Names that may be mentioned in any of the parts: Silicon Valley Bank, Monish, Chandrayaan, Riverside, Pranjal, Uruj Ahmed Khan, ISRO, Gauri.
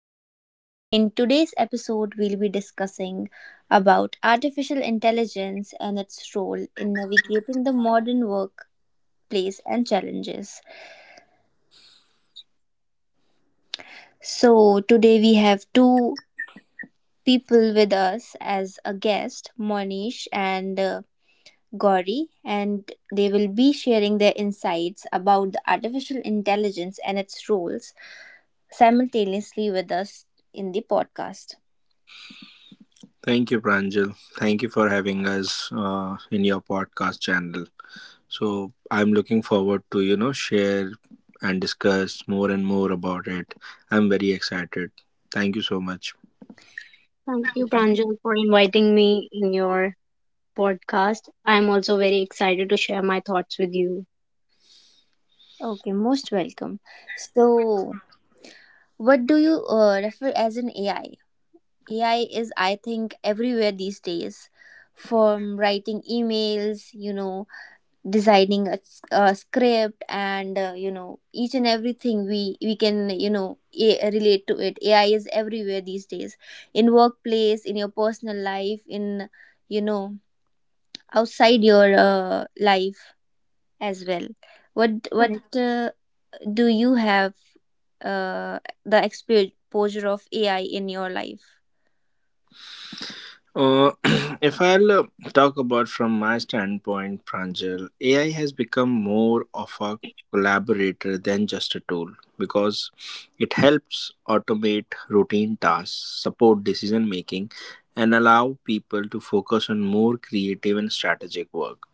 Riverside. In today's episode, we'll be discussing about artificial intelligence and its role in navigating the modern workplace and challenges. So, today we have two people with us as a guest, Monish and Gauri, and they will be sharing their insights about the artificial intelligence and its roles simultaneously with us in the podcast. Thank you, Pranjal. Thank you for having us in your podcast channel. So I'm looking forward to share and discuss more and more about it. I'm very excited. Thank you so much. Thank you, Pranjal, for inviting me in your podcast. I'm also very excited to share my thoughts with you. Okay, most welcome. So, what do you refer as an AI? AI is, I think, everywhere these days. From writing emails, designing a script, and each and everything we can relate to it. AI is everywhere these days, in workplace, in your personal life, in you know outside your life as well. What Correct, Do you have uh, the exposure of AI in your life? Uh, if I'll talk about from my standpoint, Pranjal, AI has become more of a collaborator than just a tool because it helps automate routine tasks, support decision making, and allow people to focus on more creative and strategic work.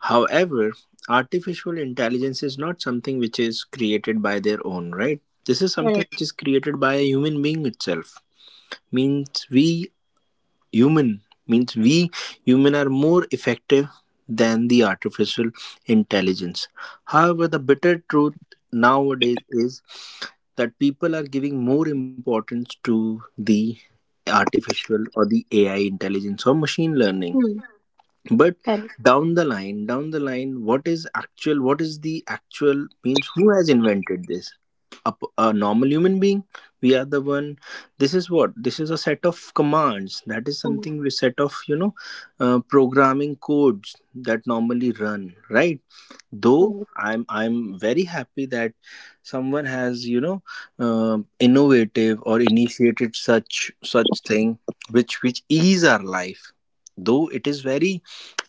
However, artificial intelligence is not something which is created by their own, right? This is something correct, which is created by a human being itself, means we means we human are more effective than the artificial intelligence. However, the bitter truth nowadays is that people are giving more importance to the artificial or the AI intelligence or machine learning. hmm, But correct, down the line, what is the actual means, who has invented this? A normal human being, we are the one. This is a set of commands, that is correct, something, we set of programming codes that normally run, right? Though correct, I'm very happy that someone has innovative or initiated such thing which ease our life. Though it is very,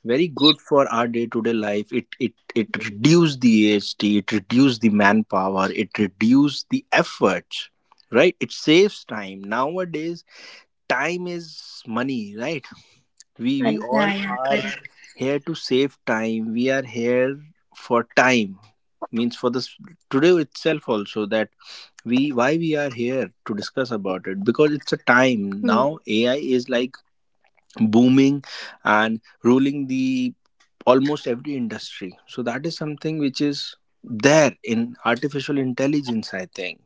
very good for our day-to-day life, it correct, reduced the ast it reduced the manpower, it reduced the efforts, right? It saves time. Nowadays time is money, right? We correct. all Yeah, yeah, are correct. here to save time, we are here for time, means for this today itself also, that we, why we are here to discuss about it, because it's a time Hmm. now. AI is like booming and ruling the almost every industry. So that is something which is there in artificial intelligence, I think.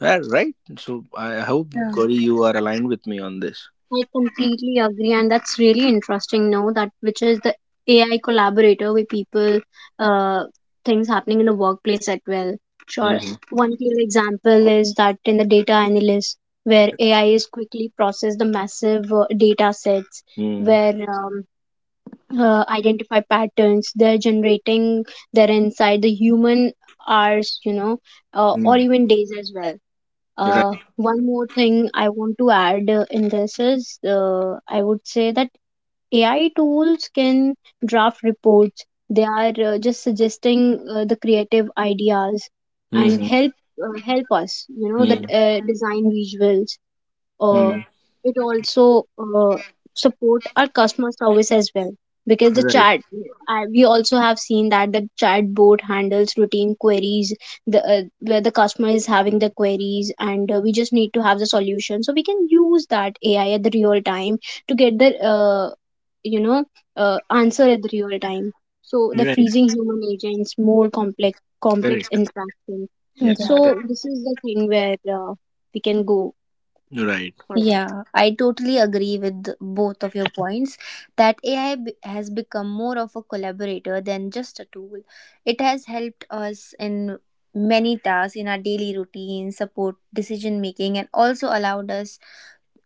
Yeah, right. So I hope, Yeah. Gauri, you are aligned with me on this. I completely agree, and that's really interesting. Now that which is the AI collaborator with people, uh, things happening in the workplace as well. Sure, Mm-hmm. one clear example is that in the data analyst, where AI is quickly process the massive data sets, Mm-hmm. where identify patterns they're generating they're inside the human hours or even days as well. You're right. One more thing I want to add in this is I would say that AI tools can draft reports. They are just suggesting the creative ideas and Mm-hmm. help help us the design visuals. uh, Mm-hmm. it also support our customer service as well, because the Right. chat we also have seen that the chat board handles routine queries, the where the customer is having the queries and we just need to have the solution, so we can use that AI at the real time to get the you know answer at the real time, so the You're right. freezing human agents more complex Correct. interactions. Yeah. Yeah. So this is the thing where we can go You're right. for. Yeah, I totally agree with both of your points that AI has become more of a collaborator than just a tool. It has helped us in many tasks in our daily routine, support decision making, and also allowed us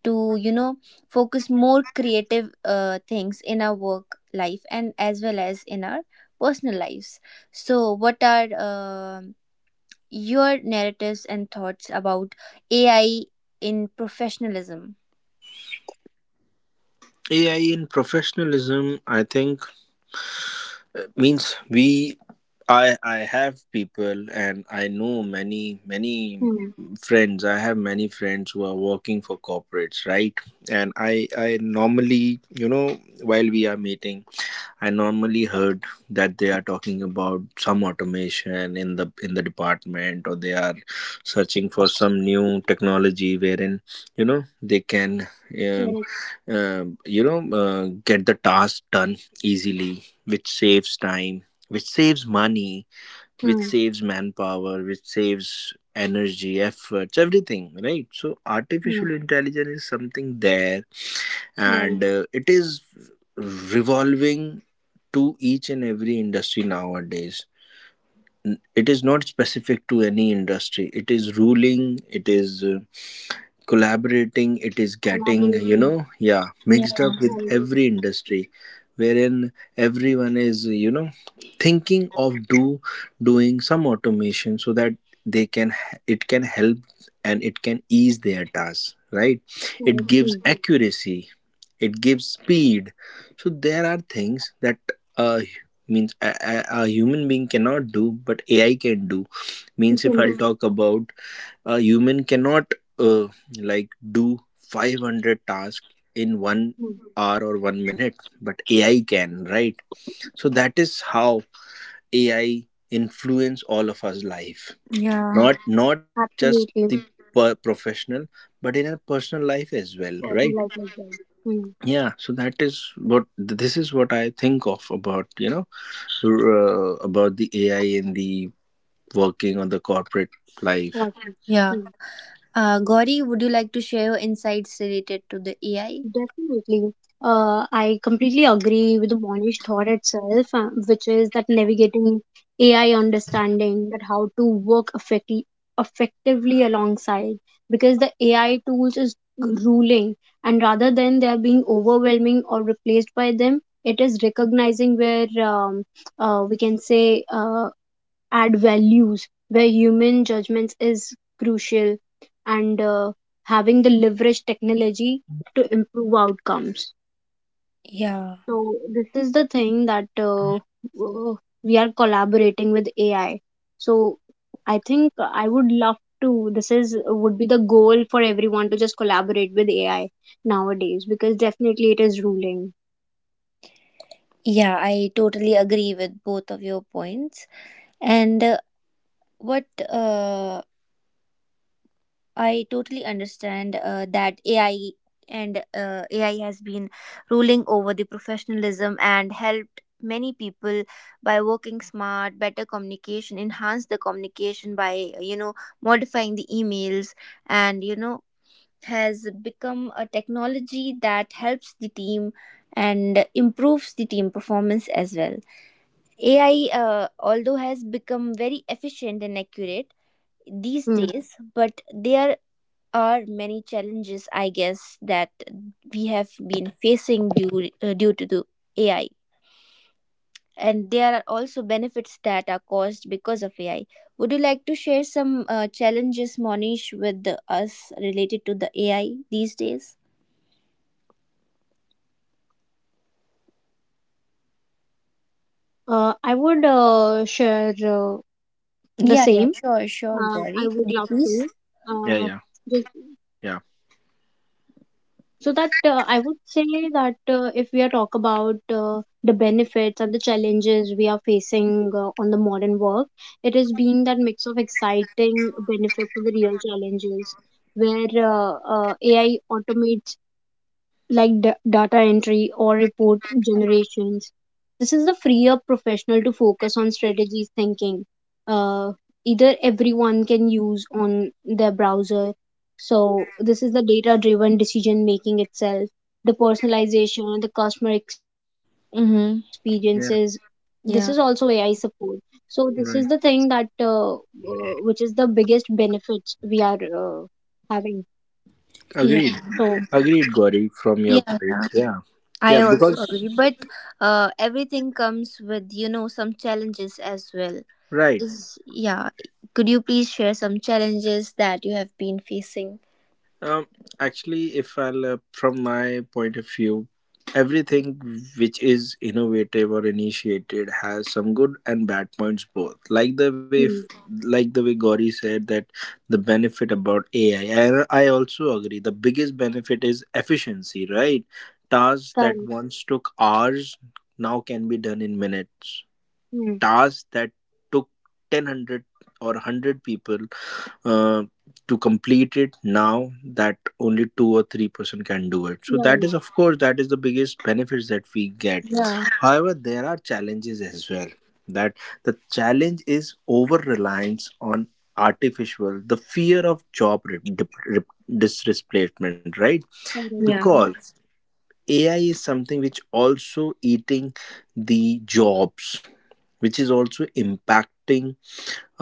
to focus more creative things in our work life and as well as in our personal lives. So what are your narratives and thoughts about AI in professionalism? AI in professionalism, I think, means we, I have people, and I know many, many Hmm. friends. I have many friends who are working for corporates, right? And I normally, you know, while we are meeting, I normally heard that they are talking about some automation in the department, or they are searching for some new technology wherein, you know, they can um, Correct. Get the task done easily, which saves time, which saves money, which Hmm. saves manpower, which saves energy, efforts, everything, right? So Hmm. artificial intelligence is something there, Right. and it is revolving to each and every industry nowadays. It is not specific to any industry. It is ruling, it is collaborating, it is getting, you Collaborating. know, yeah, Yeah, mixed up with Right. every industry, wherein everyone is, you know, thinking of do doing some automation so that they can, it can help, and it can ease their tasks, right? It Correct. gives Hmm. accuracy, it gives speed. So there are things that uh, means a human being cannot do but AI can do. We Means if can i'll do. Mhm. talk about, a human cannot uh, like do 500 tasks in one Hmm. hour or 1 minute, but AI can, right? So that is how AI influence all of us life, yeah, not not just the Absolutely. Professional, but in our personal life as well, right? Awesome. Like that. Hmm. Yeah. So that is what, this is what I think of, about, you know, about the AI in the working on the corporate life. Awesome. yeah Hmm. Gauri, would you like to share your insights related to the AI? Definitely. I completely agree with the Monish thought itself, which is that navigating AI, understanding that how to work effectively alongside, because the AI tools is ruling, and rather than they are being overwhelming or replaced by them, it is recognizing where we can say add values where human judgments is crucial, and having the leverage technology to improve outcomes. Yeah, So this is the thing that we are collaborating with AI. So I think I would love to, this is would be the goal for everyone to just collaborate with AI nowadays, because definitely it is ruling. yeah, I totally agree with both of your points. And what I totally understand that AI, and AI has been ruling over the professionalism and helped many people by working smart, better communication, enhance the communication by modifying the emails, and has become a technology that helps the team and improves the team performance as well. AI although has become very efficient and accurate these Hmm. days, but they are many challenges, I guess, that we have been facing due to the AI, and there are also benefits that are caused because of AI. Would you like to share some challenges, Monish, with the, us related to the AI these days? I would share the Yeah, yeah, same. sure, sure, I Gauri. would Could you love to. please? Yeah. Uh, Yeah. just Yeah. so that I would say that if we are talk about the benefits and the challenges we are facing on the modern work, it is being that mix of exciting benefits and the real challenges where AI automates like data entry or report generations. This is the free up professional to focus on strategy thinking. Uh, either everyone can use on their browser. So this is the data driven decision making itself, the personalization, the customer experiences. Mm-hmm. This is also Yeah. AI support. Yeah. So this is the thing that Right. Which is the biggest benefits we are having. Yeah, So Agreed. Agreed, Gauri, from your yeah, point. yeah. Yeah. I Yeah, also because agree, but everything comes with some challenges as well. right. Is yeah. Could you please share some challenges that you have been facing? Um, actually, if I'll from my point of view, everything which is innovative or initiated has some good and bad points both. Like the way, mm, like the way Gauri said, that the benefit about AI, and I also agree. The biggest benefit is efficiency, right? Tasks that correct. once took hours now can be done in minutes. Mm, Tasks that took 1,000 or 100 people uh, to complete it, now that only two or three-person can do it. So that, right. is of course, that is the biggest benefits that we get. Yeah. However, there are challenges as well. That the challenge is over reliance on artificial, the fear of job displacement, right? Yeah. Because AI is something which also eating the jobs, which is also impacting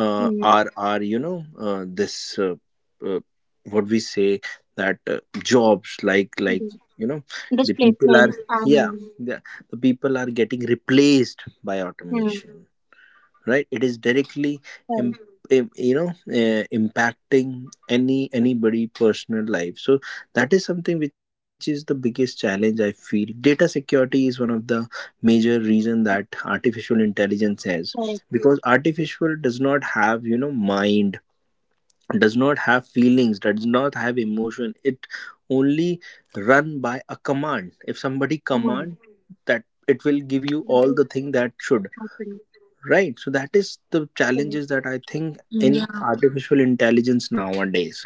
Hmm. Are you know this uh, what we say, that jobs like, The you know, the people are, displacement yeah, and the, the people are getting replaced by hmm, automation, right? It is directly correct, im- you know, impacting any, anybody personal life. So that is something which is the biggest challenge I feel. Data security is one of the major reason that artificial intelligence has, correct. because artificial does not have, you know, mind, does not have feelings, does not have emotion. It only run by a command. If somebody Among you. command that, it will give you That all is the thing that should. happening. Right. So that is the Correct. challenges that I think Yeah. in artificial intelligence nowadays.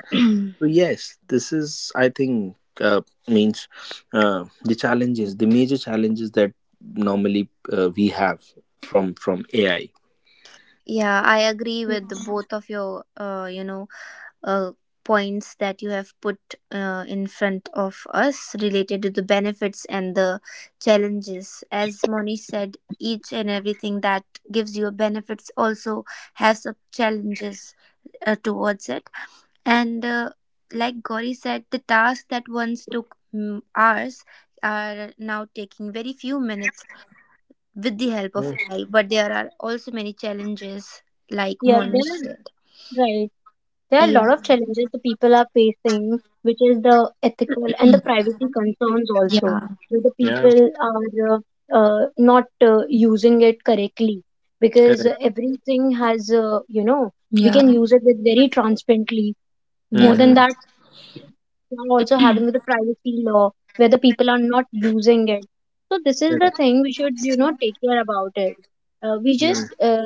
So yes, this is, I think, means the challenges, the major challenges that normally we have from AI. Yeah, I agree Hmm. with the both of your, uh, points that you have put in front of us related to the benefits and the challenges. As Moni said, each and everything that gives you benefits also has some challenges towards it. And like Gauri said, the tasks that once took hours are now taking very few minutes with the help of Yeah. AI, but there are also many challenges, like Yeah, there Monish said. are right. There are a Yeah, lot of challenges the people are facing, which is the ethical and the privacy concerns also, yeah, where the Yeah. people are not using it correctly, because Correct. everything has, you know, we can yeah, use it with very transparently. More yeah, than Mm-hmm. that, they are also having the privacy law where the people are not using it. So this is the thing we should, you know, take care about it. We just Yeah,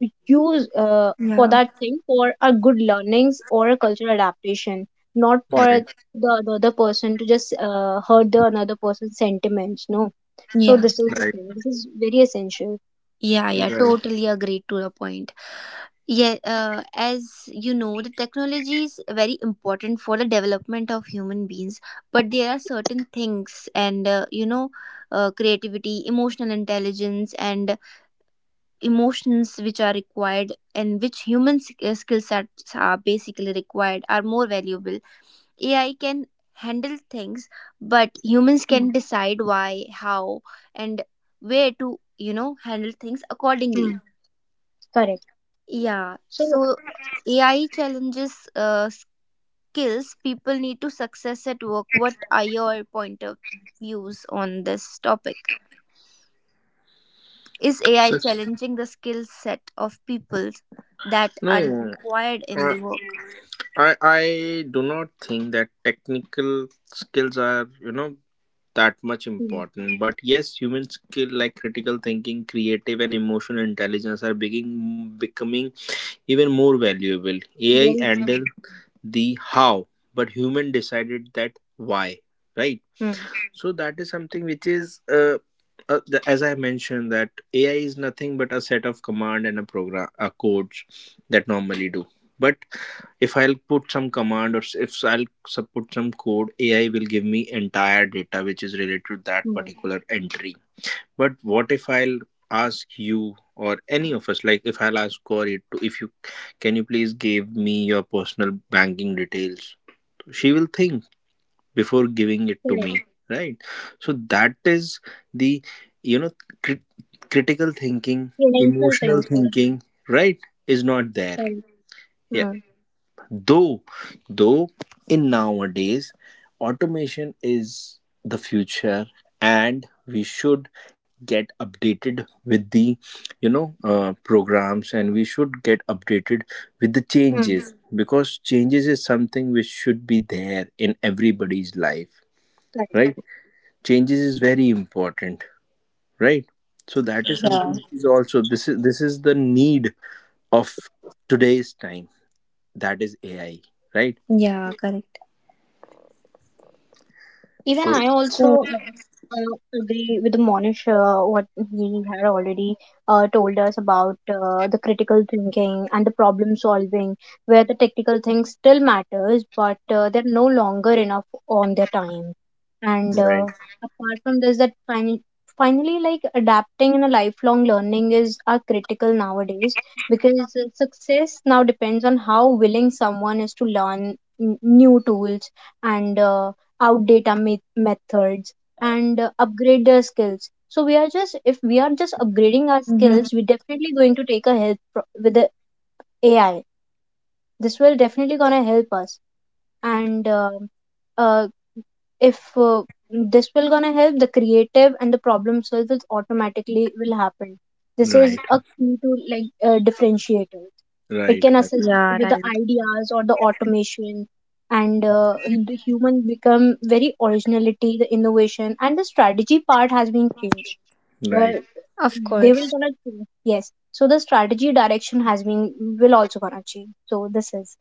use for yeah, that thing for a good learnings or a cultural adaptation, not for right. the other person to just hurt the another person's sentiments. No. So yeah, this is Right. the thing. This is very essential. yeah, yeah. Yeah. Totally agreed to your point. Yeah, as you know, the technology is very important for the development of human beings, but there are certain things, and creativity, emotional intelligence, and emotions which are required and which human skill sets are basically required are more valuable. AI can handle things, but humans Mm, can decide why, how, and where to, you know, handle things accordingly. mm, correct. Yeah. So So AI challenges skills people need to success at work. What are your point of views on this topic? Is AI So challenging the skill set of people that no, are uh, required in the work? I do not think that technical skills are, you know, that much mm, important, but yes, human skill like critical thinking, creative and emotional intelligence are being, becoming even more valuable. AI very true. handle the how, but human decided that why, right? Mm, So that is something which is the, as I mentioned, that AI is nothing but a set of command and a program a codes that normally do. But if I'll put some command, or if I'll put some code, AI will give me entire data which is related to that mm, particular entry. But what if I'll ask you or any of us, like if I'll ask Corey to, if you, can you please give me your personal banking details? She will think before giving it to correct. me, right? So that is the, you know, crit- critical thinking, Essential emotional things for it. thinking, right? Is not there. Correct. Hmm. Though, though, in nowadays, automation is the future, and we should get updated with the, you know, programs, and we should get updated with the Hmm. changes, because changes is something which should be there in everybody's life, Correct. right? Changes is very important, right? So that is something Yeah, which is also, this is, this is the need of today's time. That is AI, right? yeah, correct. Even So. I So, also agree with Monish what he had already told us about the critical thinking and the problem solving, where the technical thing still matters, but they're no longer enough on their time. And Right, apart from this, that finally, like adapting and a lifelong learning is are critical nowadays, because success now depends on how willing someone is to learn new tools and outdate our methods and upgrade their skills. So we are just, if we are just upgrading our mm-hmm. skills, we're definitely going to take a help with the AI. This will definitely gonna help us. And uh, if this will gonna help, the creative and the problem solvers automatically will happen. This right, is a key to like differentiator. It right, can right, assist Yeah, with the right. ideas or the automation, and the human become very originality. The innovation and the strategy part has been changed, where right, Of they will course. gonna change. Yes, so the strategy direction has been, will also gonna change. So this is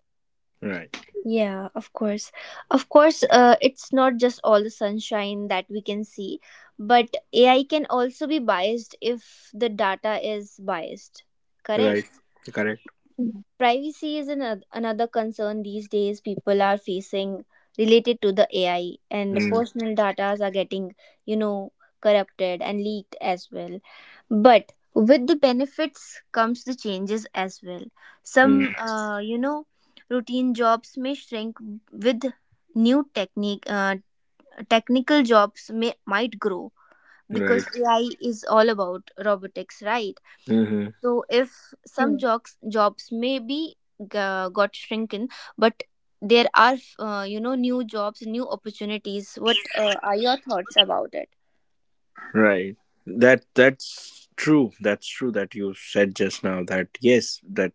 right, Yeah, of course. Of course, it's not just all the sunshine that we can see, but AI can also be biased if the data is biased. Correct? right. Correct. Hmm. Privacy is another, another concern these days people are facing related to the AI, and Mm, personal data are getting you know corrupted and leaked as well. But with the benefits comes the changes as well. mm, Some routine jobs may shrink with new technique technical jobs may might grow, right. because AI is all about robotics, right? Hmm. Hmm. So if some jobs may be got shrinken, but there are new jobs, new opportunities. What are your thoughts about it? Right. That that's true. That's true, that you said just now, that yes, that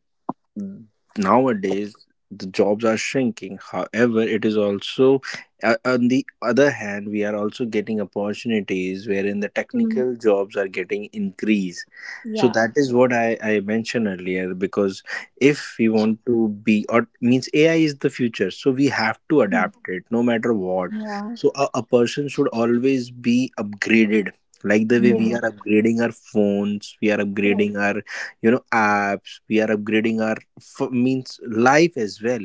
nowadays the jobs are shrinking. However, it is also, on the other hand, we are also getting opportunities, wherein the Hmm. technical jobs are getting increased. So Yeah, that is what I mentioned earlier, because if we want to be, or means, AI is the future, so we have to Hmm. adapt it, no matter what. yeah, So a person should always be upgraded, like the way They we will- are yeah, upgrading our phones, we are upgrading right our, you know, apps, we are upgrading our, for means life as well,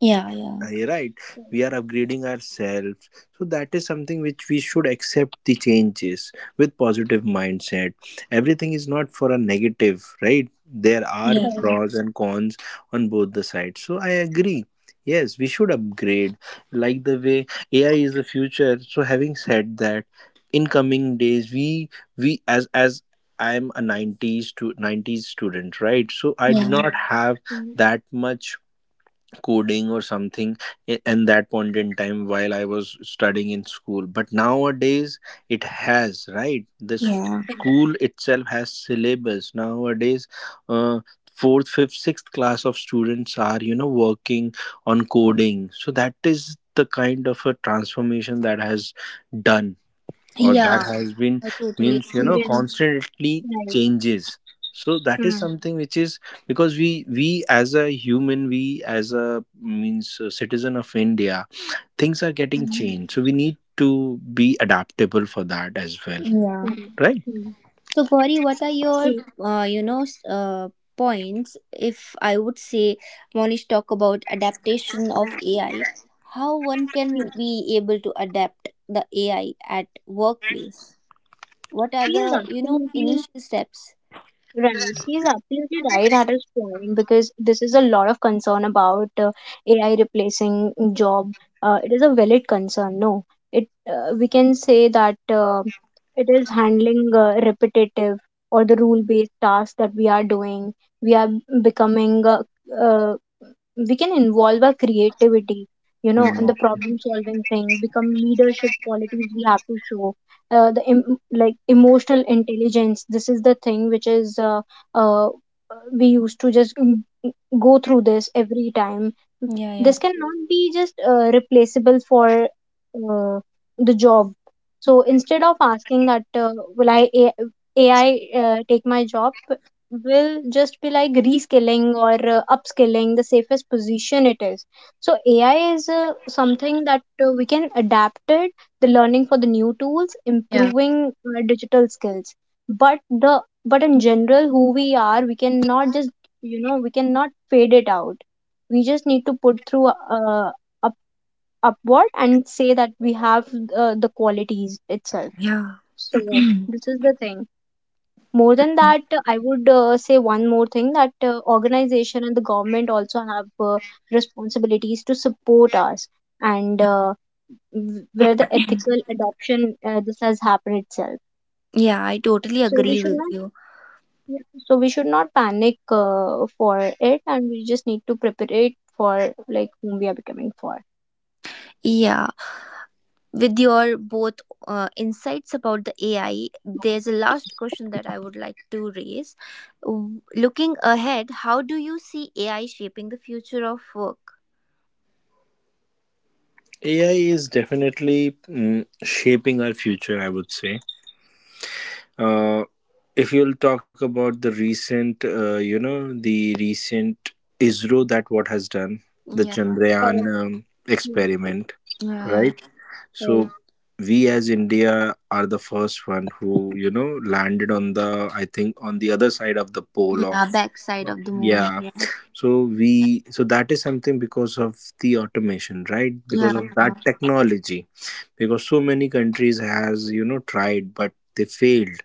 yeah, yeah, right, we are upgrading ourselves. So that is something which, we should accept the changes with positive mindset. Everything is not for a negative, right? There are yeah, right. pros and cons on both the sides. So I agree, yes, we should upgrade, like the way AI is the future. So having said that, in coming days, we as, I am a 90s to 90s student, right? So I do yeah, not have Mm, that much coding or something in that point in time while I was studying in school. But nowadays it has, right? This yeah, correct. school itself has syllabus. Nowadays, uh, fourth, fifth, sixth class of students are, you know, working on coding. So that is the kind of a transformation that has done, or that yeah. has been, I totally means, you agree. know, Even constantly like changes. So that is Mm, something which is, because we as a human, we as a, means a citizen of India, things are getting Mhm. changed, so we need to be adaptable for that as well, Yeah. sorry. right. Mm. So, Gauri, what are your, He, uh, you know, s- uh, points? If I would say, Monish talk about adaptation of AI, how one can he, be able to adapt the AI at workplace? What are he is the, you know, absolutely initial steps? right. He's absolutely right at his point, because this is a lot of concern about AI replacing job. It is a valid concern. No, it we can say that it is handling repetitive or the rule-based tasks that we are doing. We are becoming uh, we can involve our creativity, you know, in Hmm. Yeah, the problem-solving thing. Become leadership qualities we have to show the like emotional intelligence. This is the thing which is uh, we used to just mm, go through this every time. yeah. This cannot be just replaceable for uh, the job. So instead of asking that will I AI take my job, will just be like reskilling or upskilling the safest position it is. So AI is something that we can adapt it, the learning for the new tools, Yeah, improving our digital skills. But the, but in general, who we are, we cannot just, you know, we cannot fade it out. We just need to put through uh, up, upward and say that we have the qualities itself. yeah, So this is the thing. More than that, I would say one more thing, that organization and the government also have responsibilities to support us, and where the ethical adoption this has happened itself. yeah. I totally So we agree should with not, you. yeah, so we should not panic for it, and we just need to prepare it for like whom we are becoming for. Yeah, with your both insights about the AI, there's a last question that I would like to raise. Looking ahead, how do you see AI shaping the future of work? AI is definitely, mm, shaping our future, I would say. Uh, if you'll talk about the recent, you know, the recent ISRO, that what has done, the Yeah, Correct. Chandrayaan Hmm, experiment, yeah, right? yeah, right, So we as India are the first one who, you know, landed on the, I think on the other side of the pole of, yeah, backside of the moon. yeah. Yeah, So we, so that is something because of the automation, right? yeah, Because of yeah, that technology, because so many countries has, you know, tried but they failed,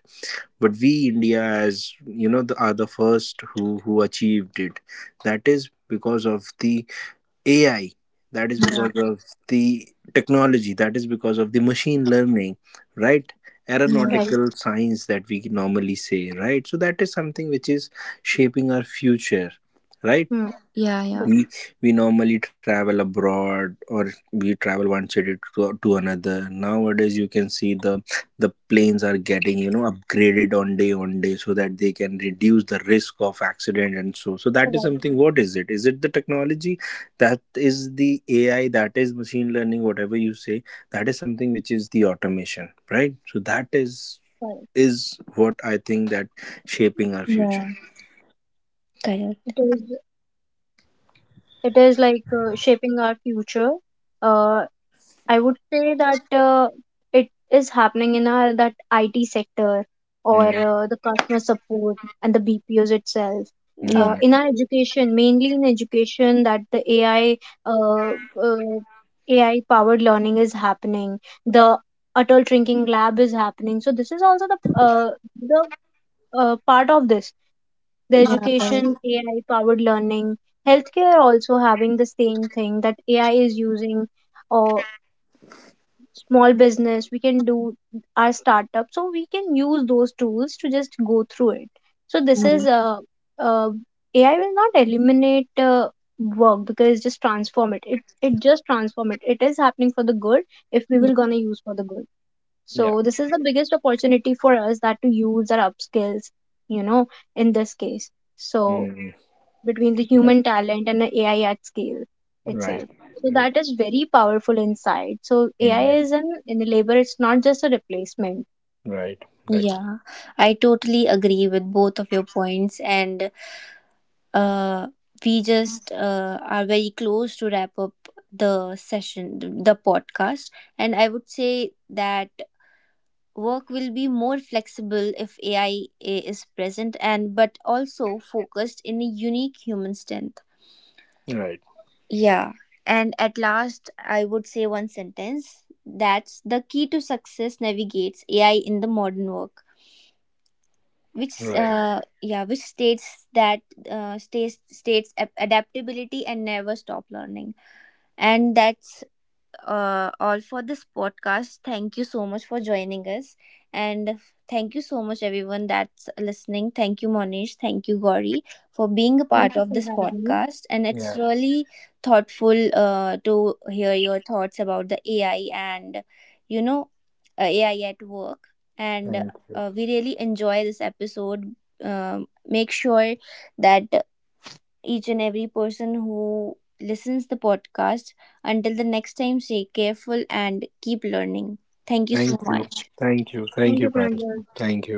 but we India, as you know, the, are the first who achieved it. That is because of the AI, that is yeah, because of the technology, that is because of the machine learning, right? yeah, right. Aeronautical science that we normally say, right? So that is something which is shaping our future, right? Hmm. yeah, yeah. Right. We we normally travel abroad, or we travel one city to another. Nowadays you can see the planes are getting, you know, upgraded on day on day, so that they can reduce the risk of accident. And so, so that is something, what is it, is it the technology, that is the AI, that is machine learning, whatever you say, that is something which is the automation, right? So that is Right. is what I think that shaping our future. Yeah, It correct. is, it is like shaping our future. uh, I would say that it is happening in our that IT sector or Mm-hmm. The customer support and the BPOs itself. Yeah, Mm-hmm. In our education, mainly in education, that the AI uh, uh, AI powered learning is happening. The adult drinking lab is happening. So this is also the part of this. The yeah, education correct. AI powered learning, healthcare also having the same thing that AI is using. Or small business we can do our startup, so we can use those tools to just go through it. So this is Yeah, uh, AI will not eliminate work, because just transform it. It just transform it. It is happening for the good, if we yeah. will gonna use for the good. Yeah. So this is the biggest opportunity for us, that to use our upskills, you know, in this case. So Mm. between the human talent and the AI at scale Right. itself. So Right. that is very powerful insight. So Mm. AI is an enabler, it's not just a replacement. Right. Right. Yeah. I totally agree with both of your points, and uh, we just are very close to wrap up the session, the podcast. And I would say that work will be more flexible if AI is present and but also focused in a unique human strength. Right. Yeah. And at last, I would say one sentence that's the key to success navigates AI in the modern work. Which Right. Yeah, which states that adaptability and never stop learning. And that's all for this podcast. Thank you so much for joining us. And thank you so much, everyone that's listening. Thank you, Monish. Thank you, Gauri, for being a Thank part you for of this having me. podcast. And Yeah. it's really thoughtful to hear your thoughts about the AI and, you know, AI at work. And Thank you. We really enjoy this episode. Make sure that each and every person who listens the podcast until the next time stay careful and keep learning. Thank you Thank so you. much. Thank you. Thank Thank you, you, Pranjal. Pranjal. Thank you.